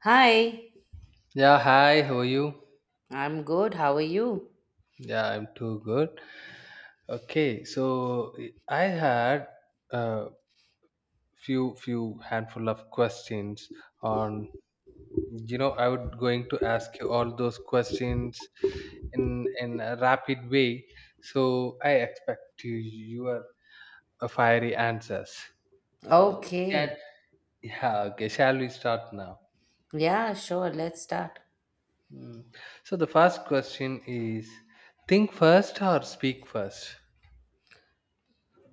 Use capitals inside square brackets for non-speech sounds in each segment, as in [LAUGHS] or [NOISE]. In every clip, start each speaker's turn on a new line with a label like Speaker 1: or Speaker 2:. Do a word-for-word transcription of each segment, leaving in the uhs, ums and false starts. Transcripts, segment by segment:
Speaker 1: Hi,
Speaker 2: Yeah, hi, how are you?
Speaker 1: I'm good. How are you?
Speaker 2: Yeah, I'm too good. Okay, so eh, I had a few few handful of questions on you know I would going to ask you all those questions in in a rapid way. So I expect you your uh, fiery answers. So can
Speaker 1: Okay.
Speaker 2: yeah, okay, shall we start now?
Speaker 1: Yeah, sure. Let's start.
Speaker 2: Mm. So the first question is think first or speak first?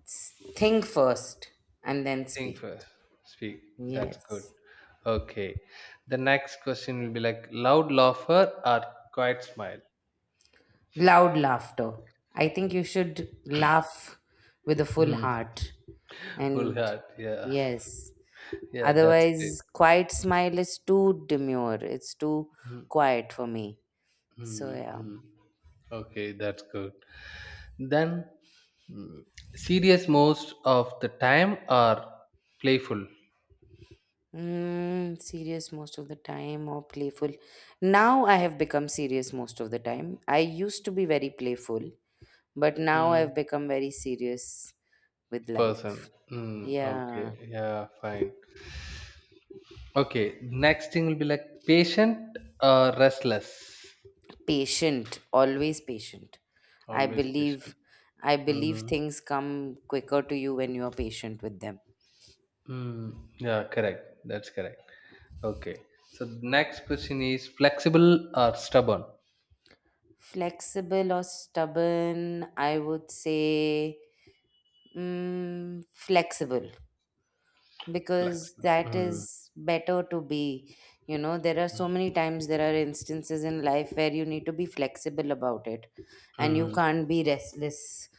Speaker 1: S- Think first and then
Speaker 2: Think
Speaker 1: speak.
Speaker 2: first, speak. That's good.
Speaker 1: Yes.
Speaker 2: Okay. The next question will be like loud laugher or quiet smile.
Speaker 1: Loud laughter. I think you should laugh with a full
Speaker 2: Mhm.
Speaker 1: heart.
Speaker 2: Full
Speaker 1: And
Speaker 2: heart. Yeah.
Speaker 1: yes,
Speaker 2: Yeah, that's it.
Speaker 1: otherwise, quiet smile is too demure. It's too
Speaker 2: Mm,
Speaker 1: quiet for me. So,
Speaker 2: mm,
Speaker 1: yeah.
Speaker 2: mm. Okay, that's good. Then, mm, serious most of the time or playful
Speaker 1: Mm, serious most of the time or playful. Now I have become serious most of the time. I used to be very playful, but now
Speaker 2: mm,
Speaker 1: I've become very serious with
Speaker 2: person.
Speaker 1: life.
Speaker 2: Mm,
Speaker 1: Yeah,
Speaker 2: okay. Yeah, fine. Okay. Next thing will be like patient or restless.
Speaker 1: patient, always patient. I
Speaker 2: Always patient.
Speaker 1: believe I believe
Speaker 2: Mm,
Speaker 1: things come quicker to you when you are patient with them.
Speaker 2: mm, yeah, correct. That's correct. Okay. So the next question is flexible or stubborn?
Speaker 1: Flexible or stubborn, I would say mm, flexible. Because
Speaker 2: Flexible.
Speaker 1: that
Speaker 2: Mm,
Speaker 1: is better to be. You know there are so many times there are instances in life where you need to be flexible about it, and you
Speaker 2: mm,
Speaker 1: can't be restless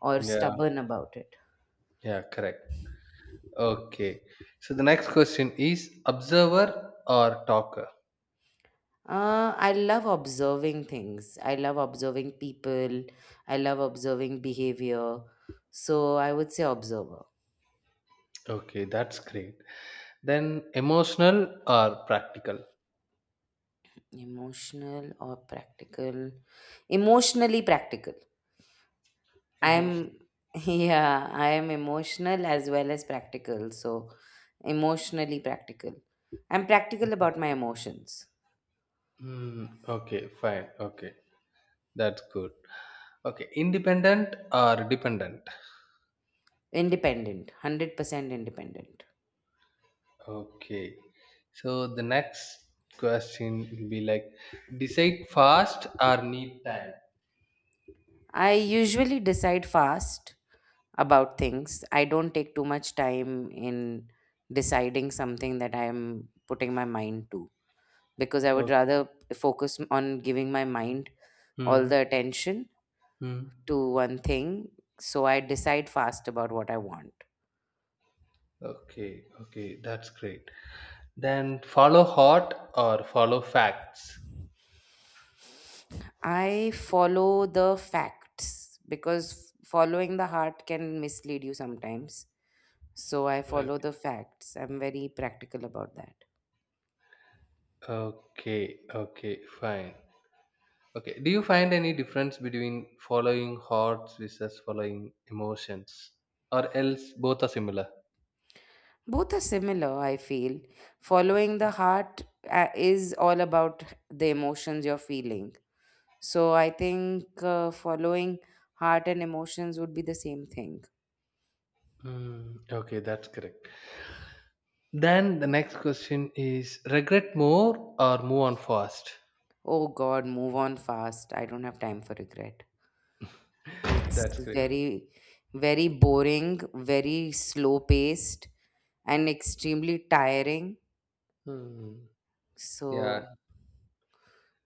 Speaker 1: or
Speaker 2: yeah,
Speaker 1: stubborn about it.
Speaker 2: yeah, correct. Okay. So the next question is observer or talker?
Speaker 1: uh, I love observing things. I love observing people. I love observing behavior. So I would say observer.
Speaker 2: Okay, that's great. Then emotional or practical?
Speaker 1: Emotional or practical? Emotionally practical. I'm
Speaker 2: Emotional.
Speaker 1: [LAUGHS] yeah, I am emotional as well as practical. So emotionally practical. I'm practical about my emotions.
Speaker 2: Mm, okay, fine. Okay, that's good. Okay, independent or dependent?
Speaker 1: Independent, one hundred percent independent.
Speaker 2: Okay. So the next question will be like decide fast or need time.
Speaker 1: I usually decide fast about things. I don't take too much time in deciding something that I am putting my mind to, because I would
Speaker 2: Okay.
Speaker 1: rather focus on giving my mind all
Speaker 2: Hmm.
Speaker 1: the attention
Speaker 2: Hmm.
Speaker 1: to one thing. So I decide fast about what I want.
Speaker 2: Okay. Okay. That's great. Then follow heart or follow facts.
Speaker 1: I follow the facts, because following the heart can mislead you sometimes. So I
Speaker 2: Okay.
Speaker 1: follow the facts. I'm very practical about that.
Speaker 2: Okay. Okay. Fine. Okay. Do you find any difference between following hearts versus following emotions, or else both are similar?
Speaker 1: Both are similar, I feel. Following the heart uh, is all about the emotions you're feeling. So I think uh, following heart and emotions would be the same thing.
Speaker 2: Hmm. Okay. That's correct. Then the next question is regret more or move on fast?
Speaker 1: Oh God, move on fast. I don't have time for regret. It's
Speaker 2: That's great.
Speaker 1: very, very boring, very slow paced, and extremely tiring.
Speaker 2: Hmm. Yeah.
Speaker 1: So,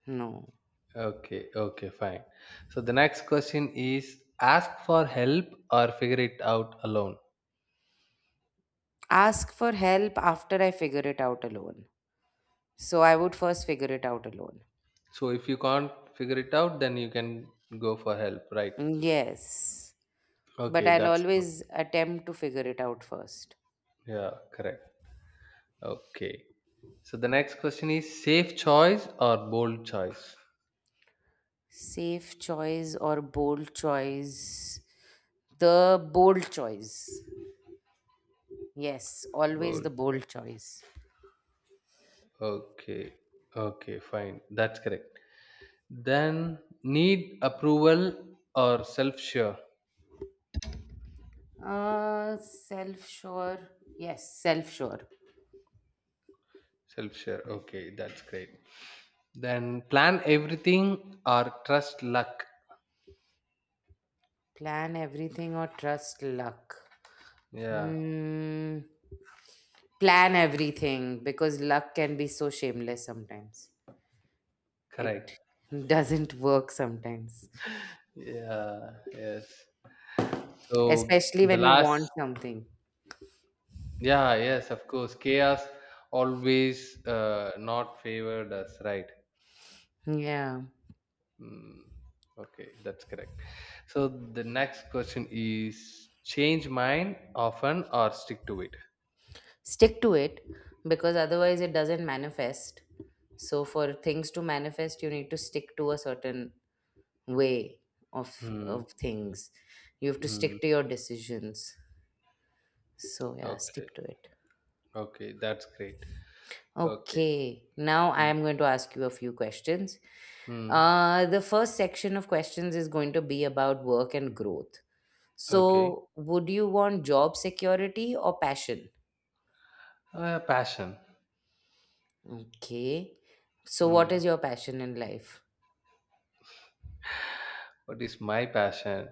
Speaker 1: no.
Speaker 2: Okay. Okay. Fine. So the next question is ask for help or figure it out alone.
Speaker 1: Ask for help after I figure it out alone. So, I would first figure it out alone.
Speaker 2: So if you can't figure it out, then you can go for help, right?
Speaker 1: Yes, but
Speaker 2: Okay.
Speaker 1: I'll
Speaker 2: That's good.
Speaker 1: always attempt to figure it out first.
Speaker 2: Yeah. Correct. Okay. So the next question is safe choice or bold choice?
Speaker 1: Safe choice or bold choice? The bold choice. Yes, always
Speaker 2: Bold.
Speaker 1: the bold choice.
Speaker 2: Okay. Okay. Fine. That's correct. Then need approval or self sure.
Speaker 1: Uh, self sure. Yes, self sure.
Speaker 2: Self sure. Okay, that's great. Then plan everything or trust luck.
Speaker 1: Plan everything or trust luck.
Speaker 2: Yeah,
Speaker 1: Hmm. Plan everything, because luck can be so shameless sometimes. It
Speaker 2: correct.
Speaker 1: [LAUGHS] doesn't work sometimes,
Speaker 2: Yeah, yes. So
Speaker 1: especially
Speaker 2: the
Speaker 1: when you
Speaker 2: last,
Speaker 1: want something.
Speaker 2: yeah, yes, of course. Chaos always uh, not favored us, right?
Speaker 1: Yeah.
Speaker 2: Mm, okay, that's correct. So the next question is change mind often or stick to it?
Speaker 1: Stick to it because otherwise it doesn't manifest. So, for things to manifest, you need to stick to a certain way of,
Speaker 2: Hmm.
Speaker 1: of things. You have to
Speaker 2: Hmm.
Speaker 1: stick to your decisions. So yeah,
Speaker 2: Okay.
Speaker 1: stick to it.
Speaker 2: Okay, that's great. Okay.
Speaker 1: Okay, now I
Speaker 2: Mm.
Speaker 1: am going to ask you a few questions.
Speaker 2: Mm.
Speaker 1: Uh, the first section of questions is going to be about work and growth.
Speaker 2: Okay.
Speaker 1: So, would you want job security or passion?
Speaker 2: Uh, passion.
Speaker 1: Okay. So, what
Speaker 2: Mm.
Speaker 1: is your passion in life?
Speaker 2: What is my passion?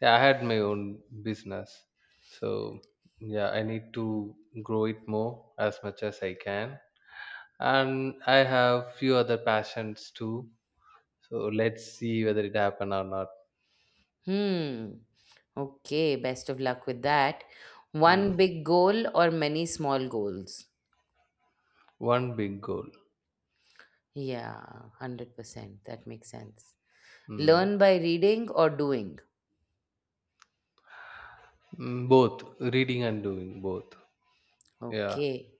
Speaker 2: Yeah, I had my own business. So, yeah, I need to grow it more as much as I can. And I have few other passions too. So, let's see whether it happen or not.
Speaker 1: Hmm. Okay, best of luck with that.
Speaker 2: Mm.
Speaker 1: One big goal or many small goals?
Speaker 2: One big goal.
Speaker 1: Yeah, one hundred percent. That makes sense.
Speaker 2: Mm.
Speaker 1: Learn by reading or doing?
Speaker 2: Mm, both reading and doing both. Yeah.
Speaker 1: Okay.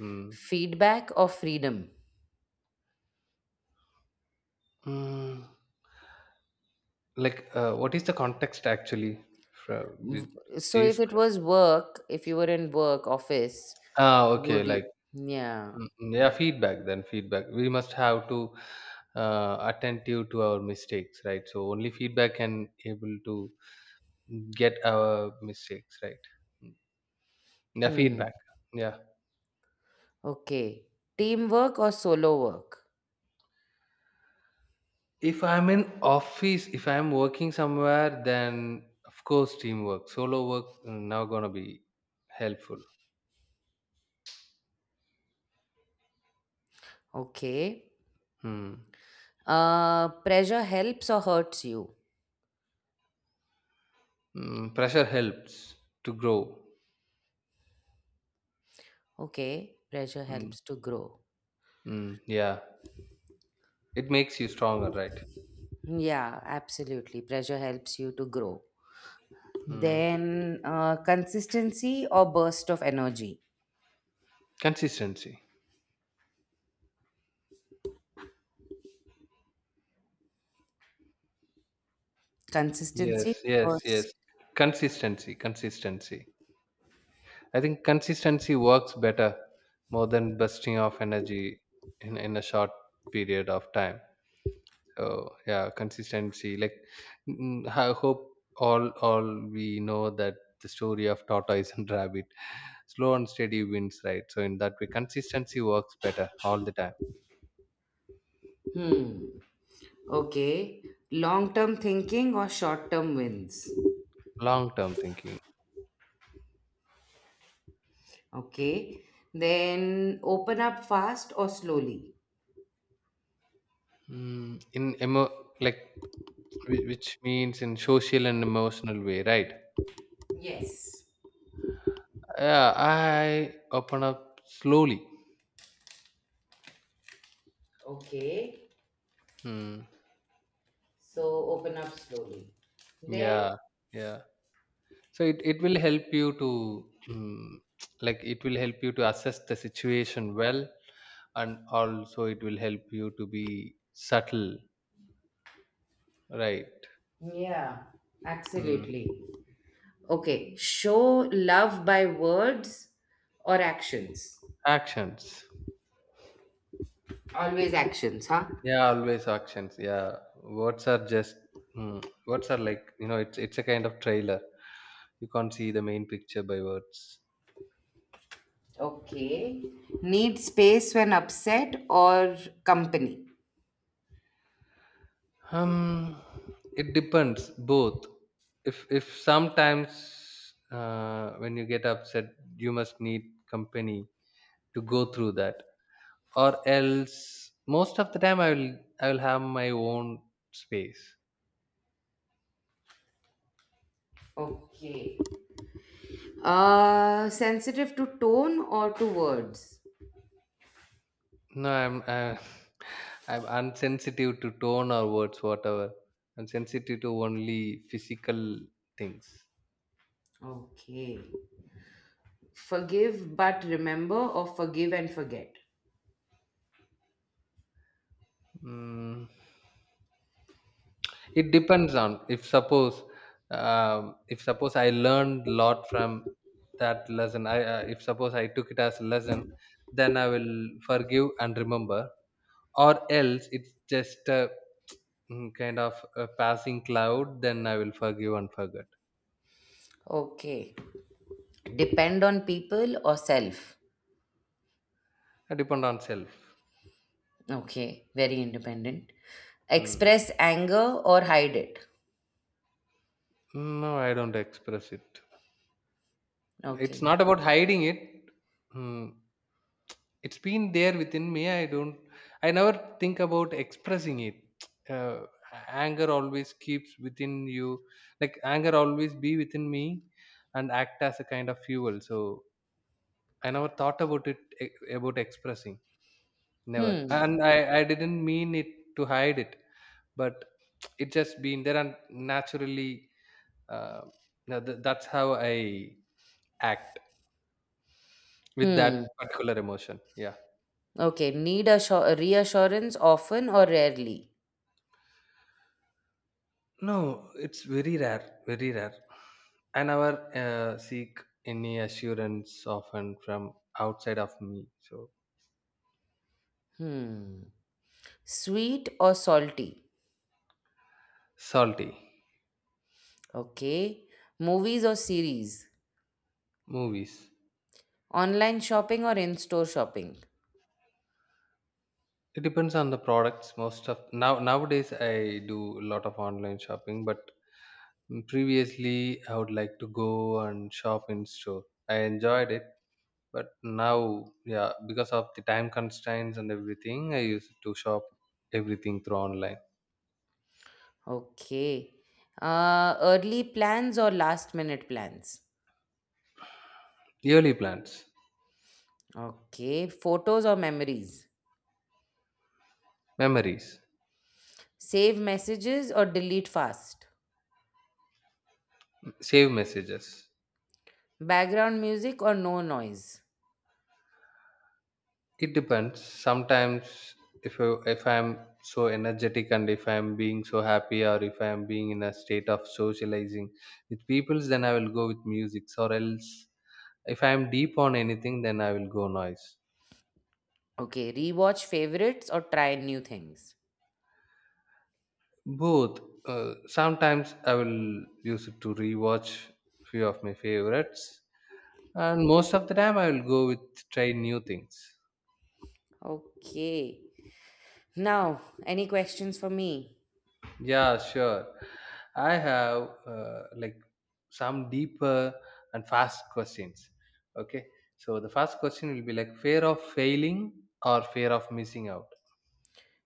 Speaker 2: Mm.
Speaker 1: Feedback or freedom?
Speaker 2: Mm. Like, uh, what is the context actually from with
Speaker 1: W- So
Speaker 2: these?
Speaker 1: if it
Speaker 2: que-
Speaker 1: was work, if you were in work office,
Speaker 2: Ah, okay.
Speaker 1: would you?
Speaker 2: Like,
Speaker 1: Yeah.
Speaker 2: mm, mm, yeah, feedback then feedback. We must have to uh, attentive to our mistakes, right? So only feedback can able to get our mistakes, right? Mm. Yeah,
Speaker 1: Hmm.
Speaker 2: feedback. Yeah.
Speaker 1: Okay. Teamwork or solo work?
Speaker 2: If I'm in office, if I'm working somewhere, then of course teamwork, solo work mm, now gonna be helpful.
Speaker 1: Okay.
Speaker 2: Hmm.
Speaker 1: Uh, pressure helps or hurts you?
Speaker 2: Mm, pressure helps to grow.
Speaker 1: Okay. Pressure
Speaker 2: Hmm,
Speaker 1: helps to grow.
Speaker 2: Mm, yeah, it makes you stronger, right?
Speaker 1: Yeah, absolutely. Pressure helps you to grow.
Speaker 2: Mm.
Speaker 1: Then uh, consistency or burst of energy?
Speaker 2: Consistency.
Speaker 1: Consistency,
Speaker 2: Yes, yes,
Speaker 1: burst.
Speaker 2: yes. Consistency, consistency. I think consistency works better more than bursting of energy in, in a short period of time. So yeah, consistency. Like mm, I hope all all we know that the story of tortoise and rabbit, slow and steady wins, right? So in that way, consistency works better all the time.
Speaker 1: Hmm. Okay. Long term thinking or short term wins.
Speaker 2: Long term thinking.
Speaker 1: Okay. Then open up fast or slowly.
Speaker 2: Mm, in emo like Whi which means in social and emotional way, right?
Speaker 1: Yes.
Speaker 2: Yeah, I open up slowly.
Speaker 1: Okay.
Speaker 2: Hmm.
Speaker 1: So open up slowly. Then,
Speaker 2: Yeah, yeah. So it, it will help you to mm, [TSK] like it will help you to assess the situation well, and also it will help you to be subtle, right?
Speaker 1: yeah,
Speaker 2: Hmm.
Speaker 1: absolutely. Okay. Show love by words or actions.
Speaker 2: Actions.
Speaker 1: Always actions, huh?
Speaker 2: Yeah, always actions. Yeah, words are just hmm, words are like you know it's it's a kind of trailer. You can't see the main picture by words.
Speaker 1: Okay. Need space when upset or company.
Speaker 2: Um, it depends both. If if sometimes uh, when you get upset, you must need company to go through that, or else most of the time I will I will have my own space.
Speaker 1: Okay. Uh, sensitive to tone or to words?
Speaker 2: No, I'm uh, [LAUGHS] I'm unsensitive to tone or words, whatever. I'm sensitive to only physical things.
Speaker 1: Okay. Forgive but remember, or forgive and forget?
Speaker 2: Mm. It depends on if suppose um, if suppose I learned lot from that lesson. I uh, if suppose I took it as a lesson, then I will forgive and remember. Or else it's just a mm, kind of a passing cloud. Then I will forgive and forget.
Speaker 1: Okay. Depend on people or self.
Speaker 2: I depend on self.
Speaker 1: Okay. Very independent.
Speaker 2: Mm.
Speaker 1: Express anger or hide it.
Speaker 2: No, I don't express it. It's
Speaker 1: Okay.
Speaker 2: not about hiding it. Mm. It's been there within me. I don't I never think about expressing it. [TSK] Uh, anger always keeps within you. Like anger always be within me and act as a kind of fuel. So I never thought about it e- about expressing. Never.
Speaker 1: Hmm.
Speaker 2: And I, I didn't mean it to hide it, but [TSK] it just been there and naturally uh, now th- that's how I act with that
Speaker 1: Hmm.
Speaker 2: particular emotion. Yeah.
Speaker 1: Okay. Need a reassurance often or rarely.
Speaker 2: No, it's very rare, very rare. I never uh, seek any assurance often from outside of me. So
Speaker 1: Hmm. Sweet or salty.
Speaker 2: salty
Speaker 1: Okay. Movies or series.
Speaker 2: movies.
Speaker 1: Online shopping or in store shopping?
Speaker 2: It depends on the products. Most of now nowadays I do a lot of online shopping, but previously I would like to go and shop in store. I enjoyed it, but now yeah, because of the time constraints and everything, I used to shop everything through online.
Speaker 1: Okay. Uh, early plans or last minute plans?
Speaker 2: Yearly plans,
Speaker 1: Okay. Photos or memories?
Speaker 2: memories.
Speaker 1: Save messages or delete fast?
Speaker 2: Save messages.
Speaker 1: Background music or no noise?
Speaker 2: It depends sometimes if I, if i'm so energetic and if I'm being so happy or if I'm being in a state of socializing with peoples then I will go with music, or else if I'm deep on anything then I will go noise.
Speaker 1: Okay. Rewatch favorites or try new things?
Speaker 2: Both. uh, sometimes I will use it to rewatch few of my favorites, and most of the time I will go with try new things.
Speaker 1: Okay. Now, any questions for me?
Speaker 2: Yeah, sure. I have uh, like some deeper and fast questions. Okay. So the first question will be like fear of failing or fear of missing out.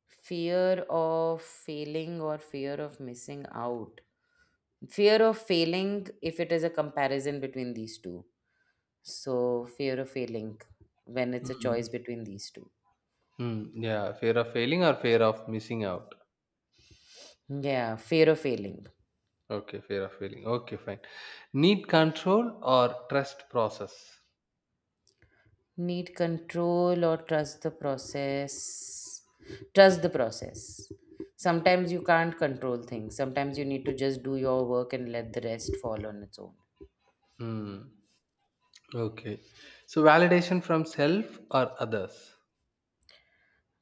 Speaker 1: Fear of failing or fear of missing out? Fear of failing, if it is a comparison between these two. So, fear of failing when it's a
Speaker 2: Mm.
Speaker 1: choice between these two.
Speaker 2: Mm, yeah, fear of failing or fear of missing out.
Speaker 1: Yeah, fear of failing.
Speaker 2: Okay, fear of failing. Okay, fine. Need control or trust process.
Speaker 1: Need control or trust the process. Trust the process. Sometimes you can't control things. Sometimes you need to just do your work and let the rest fall on its own.
Speaker 2: Mm, okay. So validation from self or others.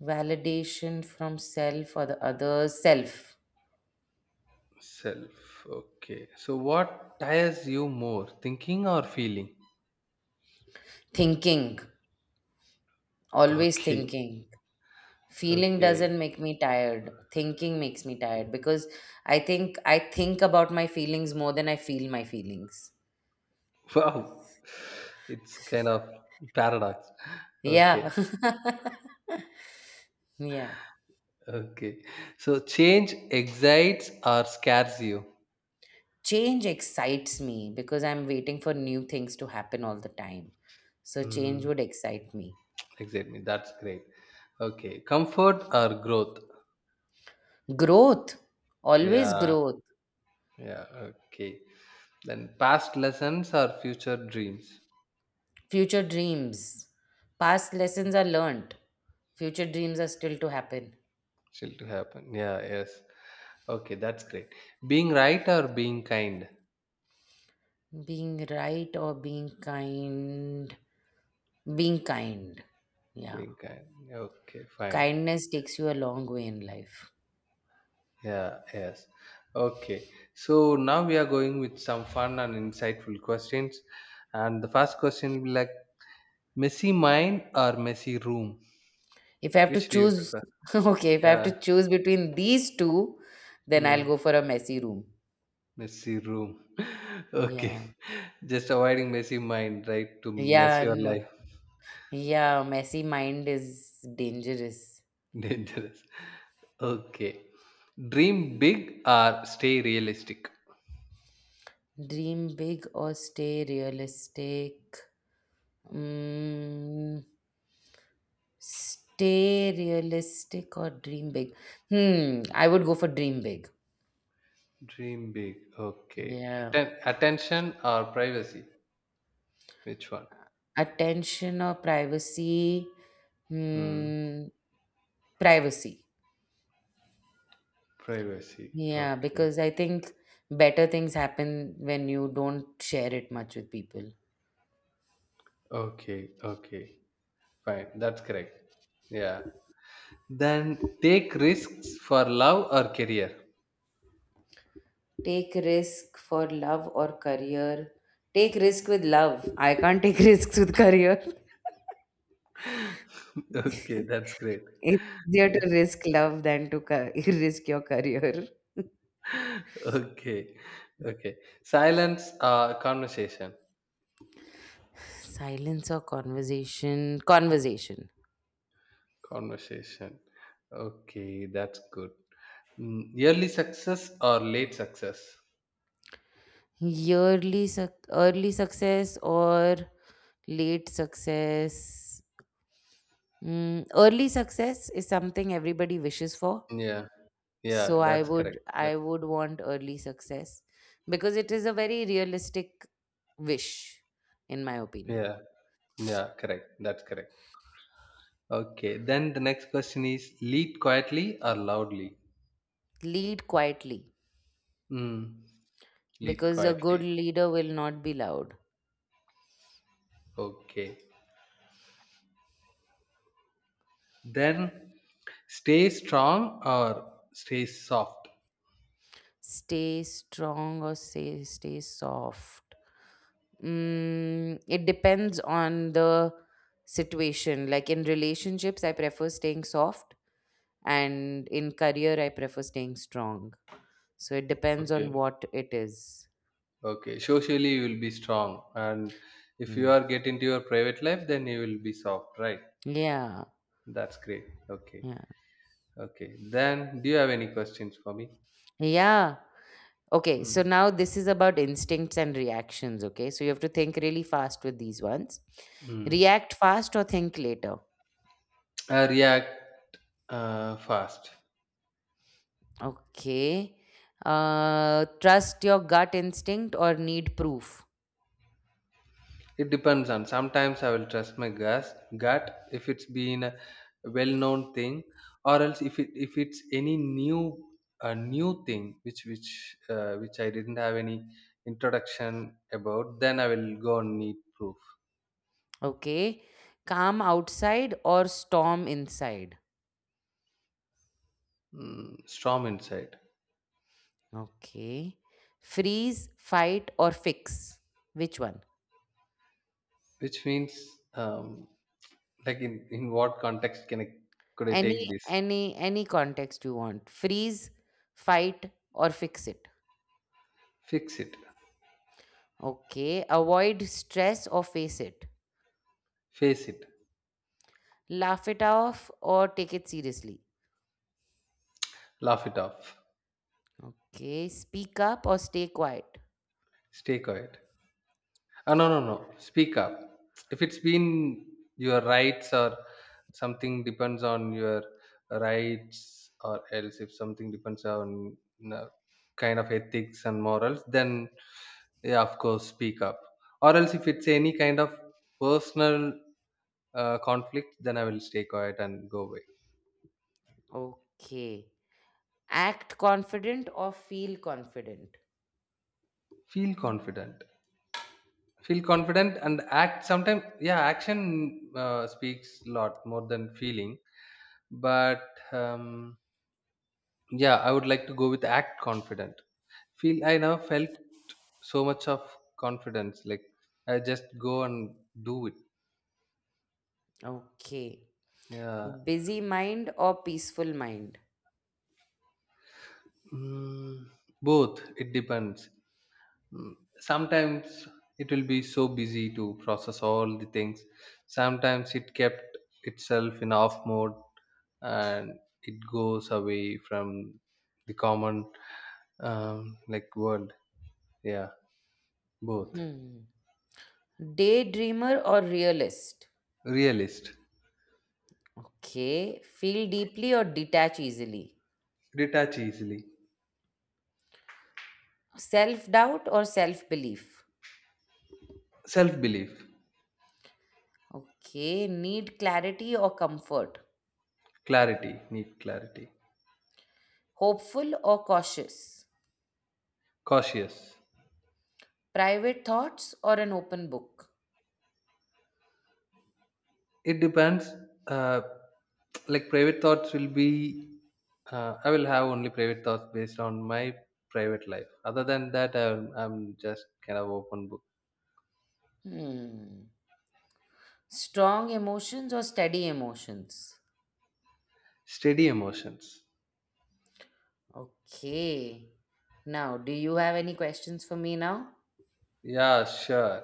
Speaker 1: Validation from self or the other self.
Speaker 2: Self. Okay. So what tires you more, thinking or feeling?
Speaker 1: Thinking. Always
Speaker 2: Okay,
Speaker 1: thinking. Feeling
Speaker 2: okay.
Speaker 1: doesn't make me tired. Thinking makes me tired, because i think i think about my feelings more than I feel my feelings.
Speaker 2: [LAUGHS] Wow. It's kind of paradox. Okay,
Speaker 1: Yeah, [LAUGHS] yeah,
Speaker 2: okay. So change excites or scares you?
Speaker 1: change excites me because I'm waiting for new things to happen all the time. So change
Speaker 2: Mm,
Speaker 1: would excite me.
Speaker 2: excite me. That's great. Okay. Comfort or growth?
Speaker 1: Growth, always
Speaker 2: Yeah,
Speaker 1: growth.
Speaker 2: yeah. Okay. Then past lessons or future dreams
Speaker 1: Future dreams. Past lessons are learned. Future dreams are still to happen.
Speaker 2: still to happen. Yeah, yes. Okay, that's great. Being right or being kind?
Speaker 1: Being right or being kind? Being kind, yeah.
Speaker 2: Being kind. Okay, fine.
Speaker 1: Kindness takes you a long way in life.
Speaker 2: Yeah, yes. Okay. So now we are going with some fun and insightful questions. And the first question will be like messy mind or messy room?
Speaker 1: If I have to
Speaker 2: Which do you
Speaker 1: choose,
Speaker 2: prefer?
Speaker 1: [LAUGHS] okay, if I have
Speaker 2: Yeah.
Speaker 1: to choose between these two, then I'll
Speaker 2: Hmm.
Speaker 1: go for a messy room.
Speaker 2: Messy room. [LAUGHS] Okay.
Speaker 1: Yeah.
Speaker 2: Just avoiding messy mind, right? To mess
Speaker 1: Yeah,
Speaker 2: your
Speaker 1: no.
Speaker 2: life.
Speaker 1: Yeah, messy mind is dangerous.
Speaker 2: [LAUGHS] Dangerous. Okay. Dream big or stay realistic?
Speaker 1: Dream big or stay realistic. Mm, Stay realistic or dream big. Hmm, I would go for dream big.
Speaker 2: Dream big. Okay.
Speaker 1: Yeah.
Speaker 2: Atten- attention or privacy? Which one?
Speaker 1: Attention or privacy.
Speaker 2: Hmm.
Speaker 1: Hmm. Privacy.
Speaker 2: Privacy.
Speaker 1: Yeah,
Speaker 2: Okay.
Speaker 1: because I think better things happen when you don't share it much with people.
Speaker 2: Okay, okay, fine. That's correct. Yeah. Then take risks for love or career.
Speaker 1: Take risk for love or career. Take risk with love. I can't take [LAUGHS] risks with career.
Speaker 2: [LAUGHS] Okay,
Speaker 1: [LAUGHS]
Speaker 2: that's great.
Speaker 1: It's easier
Speaker 2: Yeah.
Speaker 1: to risk love than to ca- [LAUGHS] risk your career. [LAUGHS]
Speaker 2: [LAUGHS] Okay, okay. Silence, uh, conversation.
Speaker 1: Silence or conversation? Conversation.
Speaker 2: Conversation. Okay, that's good. Mm, early success or late success?
Speaker 1: Yearly, suc early success or late success? Mm, early success is something everybody wishes for.
Speaker 2: Yeah,
Speaker 1: So
Speaker 2: yeah,
Speaker 1: I
Speaker 2: that's
Speaker 1: would
Speaker 2: correct.
Speaker 1: I
Speaker 2: That's
Speaker 1: would want early success, because it is a very realistic wish, in my opinion.
Speaker 2: yeah, yeah, correct. That's correct. Okay, then the next question is lead quietly or loudly?
Speaker 1: Lead quietly,
Speaker 2: Mm. Lead
Speaker 1: because a good
Speaker 2: quietly.
Speaker 1: leader will not be loud.
Speaker 2: Okay. Then stay strong or stay soft.
Speaker 1: Stay strong or say stay soft. Mm, it depends on the situation. Like in relationships, I prefer staying soft, and in career, I prefer staying strong. So it depends on
Speaker 2: Okay.
Speaker 1: what it is.
Speaker 2: Okay. Socially, you will be strong. And if you
Speaker 1: Mm.
Speaker 2: are get into your private life, then you will be soft, right?
Speaker 1: Yeah.
Speaker 2: That's great. Okay.
Speaker 1: Yeah.
Speaker 2: Okay. Then, do you have any questions for me?
Speaker 1: Yeah. Okay. So
Speaker 2: Mm.
Speaker 1: now this is about instincts and reactions. Okay. So you have to think really fast with these ones.
Speaker 2: Mm.
Speaker 1: React fast or think later.
Speaker 2: Uh, react uh, fast.
Speaker 1: Okay. Uh, trust your gut instinct or need proof.
Speaker 2: It depends on sometimes I will trust my gas gut if it's been a well known thing, or else if it if it's any new a new thing which which uh, which I didn't have any introduction about, then I will go and need proof.
Speaker 1: Okay. Calm outside or storm inside.
Speaker 2: mm, strong insight.
Speaker 1: Okay. Freeze, fight, or fix. Which one?
Speaker 2: Which means um, like in in what context can I could I take
Speaker 1: Any
Speaker 2: this.
Speaker 1: any any context you want. Freeze, fight or fix it.
Speaker 2: Fix it.
Speaker 1: Okay. Avoid stress or face it.
Speaker 2: Face it.
Speaker 1: Laugh it off or take it seriously.
Speaker 2: Laugh it off.
Speaker 1: Okay. Speak up or stay quiet.
Speaker 2: Stay quiet Uh, no, no, no. Speak up. If it's been your rights or something depends on your rights, or else if something depends on you kind of ethics and morals, then yeah, of course, speak up. Or else if it's any kind of personal uh, conflict, then I will stay quiet and go away.
Speaker 1: Okay. Act confident or feel confident.
Speaker 2: Feel confident. Feel confident and act. Sometimes, yeah, action uh, speaks a lot more than feeling. But um, yeah, I would like to go with act confident. Feel I never felt so much of confidence. Like I just go and do it.
Speaker 1: Okay.
Speaker 2: Yeah.
Speaker 1: Busy mind or peaceful mind.
Speaker 2: Mm, both. It depends. Mm, Sometimes it will be so busy to process all the things. Sometimes it kept itself in off mode and it goes away from the common um, like world. Yeah. Both.
Speaker 1: Hmm. Daydreamer or realist.
Speaker 2: Realist.
Speaker 1: Okay. Feel deeply or detach easily.
Speaker 2: Detach easily.
Speaker 1: Self doubt or self belief?
Speaker 2: Self belief.
Speaker 1: Okay. Need clarity or comfort?
Speaker 2: Clarity, need clarity.
Speaker 1: Hopeful or cautious?
Speaker 2: Cautious.
Speaker 1: Private thoughts or an open book?
Speaker 2: It depends, uh, like private thoughts will be uh, I will have only private thoughts based on my private life, other than that i'm, I'm just kind of open book.
Speaker 1: Hmm. Strong emotions or steady emotions?
Speaker 2: Steady emotions.
Speaker 1: Okay. Now, do you have any questions for me now?
Speaker 2: Yeah, sure.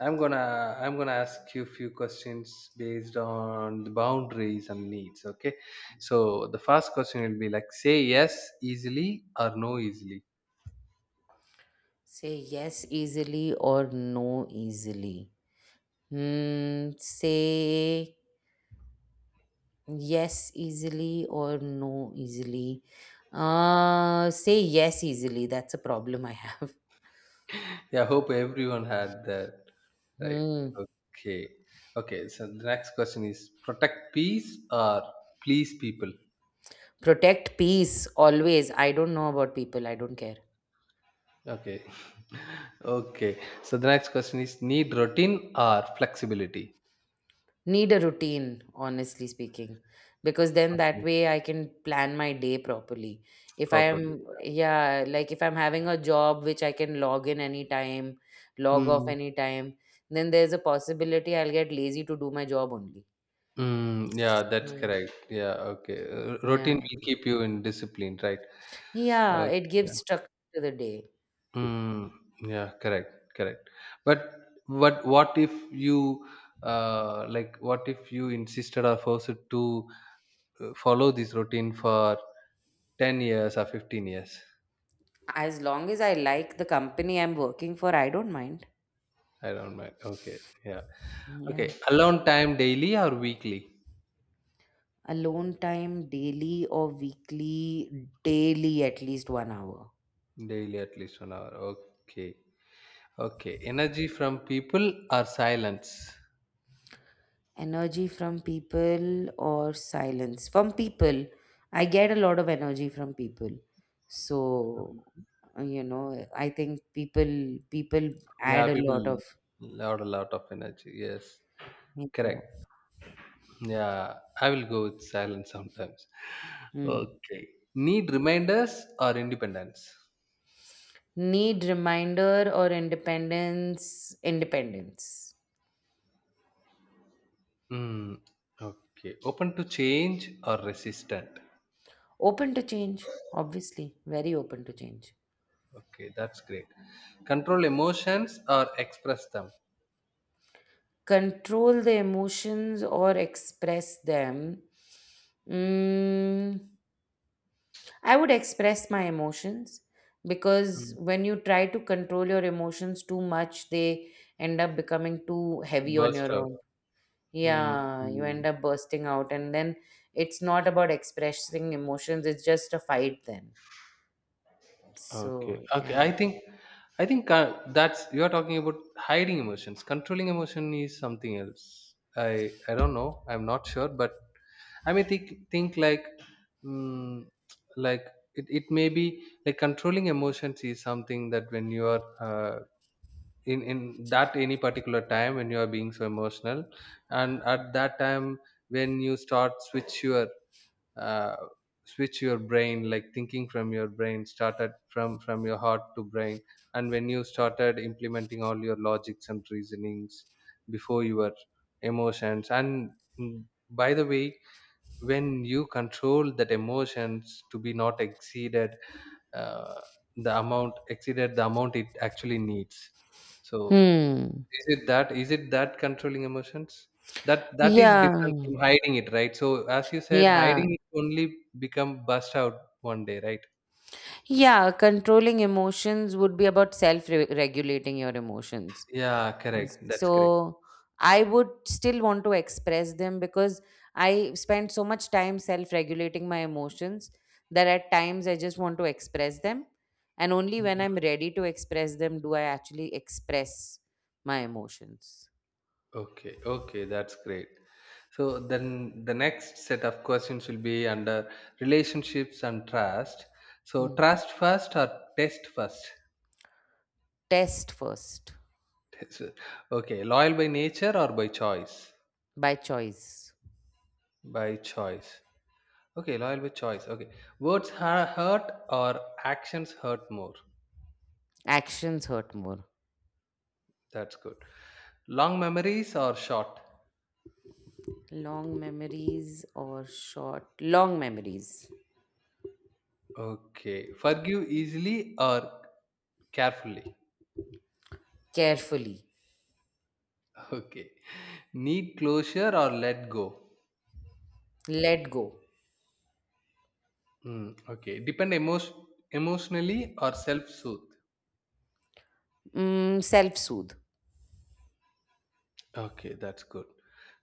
Speaker 2: I'm gonna i'm gonna ask you a few questions based on the boundaries and needs. Okay, so the first question will be like say yes easily or no easily.
Speaker 1: Say yes easily or no easily. Hmm. Say yes easily or no easily? Uh, say yes easily. That's a problem I have. [LAUGHS]
Speaker 2: Yeah, hope everyone had that. Right.
Speaker 1: Hmm.
Speaker 2: Okay. Okay. So the next question is protect peace or please people?
Speaker 1: Protect peace always. I don't know about people. I don't care.
Speaker 2: Okay. [LAUGHS] Okay. So the next question is need routine or flexibility?
Speaker 1: Need a routine, honestly speaking, because then that
Speaker 2: Okay.
Speaker 1: way I can plan my day properly. If I
Speaker 2: Properly.
Speaker 1: am, yeah, like if I'm having a job which I can log in anytime, log off
Speaker 2: Mm.
Speaker 1: anytime, then there's a possibility I'll get lazy to do my job only.
Speaker 2: Mm, yeah, that's
Speaker 1: So,
Speaker 2: correct. Yeah, okay. Uh,
Speaker 1: yeah.
Speaker 2: routine will keep you in discipline, right?
Speaker 1: Yeah,
Speaker 2: Uh,
Speaker 1: it
Speaker 2: yeah.
Speaker 1: gives structure to the day.
Speaker 2: Mm, yeah, correct, correct. But what what if you uh like what if you insisted or forced to uh, follow this routine for ten years or fifteen years.
Speaker 1: As long as I like the company I'm working for, I don't mind.
Speaker 2: I don't mind. Okay, yeah. Okay,
Speaker 1: Yeah.
Speaker 2: alone time daily or weekly.
Speaker 1: Alone time daily or weekly, daily at least one hour.
Speaker 2: Daily at least one hour. Okay. Okay, energy from people or silence.
Speaker 1: Energy from people or silence. From people, I get a lot of energy from people. So, uh, you know, I think people people
Speaker 2: Yeah,
Speaker 1: add a
Speaker 2: people,
Speaker 1: lot of
Speaker 2: lot a lot of energy, yes,
Speaker 1: you
Speaker 2: correct.
Speaker 1: know,
Speaker 2: Yeah, I will go with silence sometimes.
Speaker 1: hmm.
Speaker 2: Okay, need reminders or independence.
Speaker 1: Need reminder or independence, independence.
Speaker 2: mm, okay, open to change or resistant.
Speaker 1: Open to change, obviously, very open to change.
Speaker 2: Okay, that's great. Control emotions or express them.
Speaker 1: Control the emotions or express them. Mm, I would express my emotions, because
Speaker 2: Mm.
Speaker 1: when you try to control your emotions too much, they end up becoming too heavy on
Speaker 2: Burst
Speaker 1: your
Speaker 2: out.
Speaker 1: own.
Speaker 2: Mm,
Speaker 1: Yeah, you
Speaker 2: mm.
Speaker 1: end up bursting out, and then it's not about expressing emotions, it's just a fight then.
Speaker 2: Okay.
Speaker 1: So,
Speaker 2: Okay. I
Speaker 1: yeah.
Speaker 2: think I think uh, that's you are talking about hiding emotions. Controlling emotion is something else. I I don't know. I'm not sure, but I may think think like mm, like it, it may be like controlling emotions is something that when you are uh, in in that any particular time when you are being so emotional, and at that time when you start switch your uh, switch your brain like thinking from your brain started from from your heart to brain, and when you started implementing all your logics and reasonings before your emotions and mm, by the way, when you control that emotions to be not exceeded uh, the amount exceeded the amount it actually needs, so
Speaker 1: Hmm.
Speaker 2: is it that is it that controlling emotions? That that is different
Speaker 1: Yeah.
Speaker 2: from hiding it, right? So as you said,
Speaker 1: Yeah.
Speaker 2: hiding it only become bust out one day, right?
Speaker 1: Yeah, controlling emotions would be about self regulating your emotions.
Speaker 2: Yeah, correct. That's correct.
Speaker 1: So I would still want to express them, because I spend so much time self regulating my emotions that at times I just want to express them. And only when I'm
Speaker 2: Mhm.
Speaker 1: ready to express them do I actually express my emotions.
Speaker 2: Okay, okay, that's great. So then the next set of questions will be under relationships and trust. So
Speaker 1: Hmm.
Speaker 2: trust first or test first?
Speaker 1: Test first,
Speaker 2: [LAUGHS] Test first. Okay, loyal by nature or by choice?
Speaker 1: by choice.
Speaker 2: By choice. Okay, loyal with choice. Okay. Words ha- hurt or actions hurt more.
Speaker 1: Actions hurt more.
Speaker 2: That's good. Long memories or short?
Speaker 1: Long memories or short? Long memories.
Speaker 2: Okay. Forgive easily or carefully?
Speaker 1: Carefully.
Speaker 2: [LAUGHS] Okay. Need closure or let go?
Speaker 1: Let go.
Speaker 2: Mm, okay. Depend emo- emotionally or self soothe?
Speaker 1: Mm, Self soothe.
Speaker 2: Okay, that's good.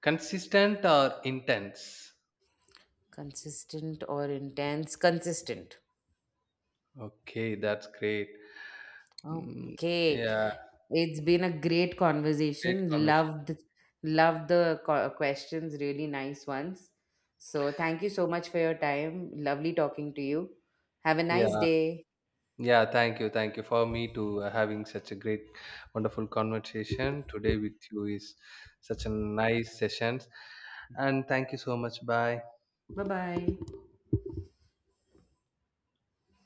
Speaker 2: Consistent or intense?
Speaker 1: Consistent or intense? Consistent.
Speaker 2: Okay, that's great. Mm,
Speaker 1: Okay.
Speaker 2: yeah,
Speaker 1: It's been a great
Speaker 2: great
Speaker 1: conversation.
Speaker 2: conversation.
Speaker 1: Loved, loved the co- questions. Really nice ones. So thank you so much for your time. Lovely talking to you. Have a nice
Speaker 2: Yeah.
Speaker 1: day.
Speaker 2: Yeah, thank you. Thank you for me to uh, having such a great, wonderful conversation today with you is such a nice sessions. And thank you so much. Bye.
Speaker 1: Bye bye.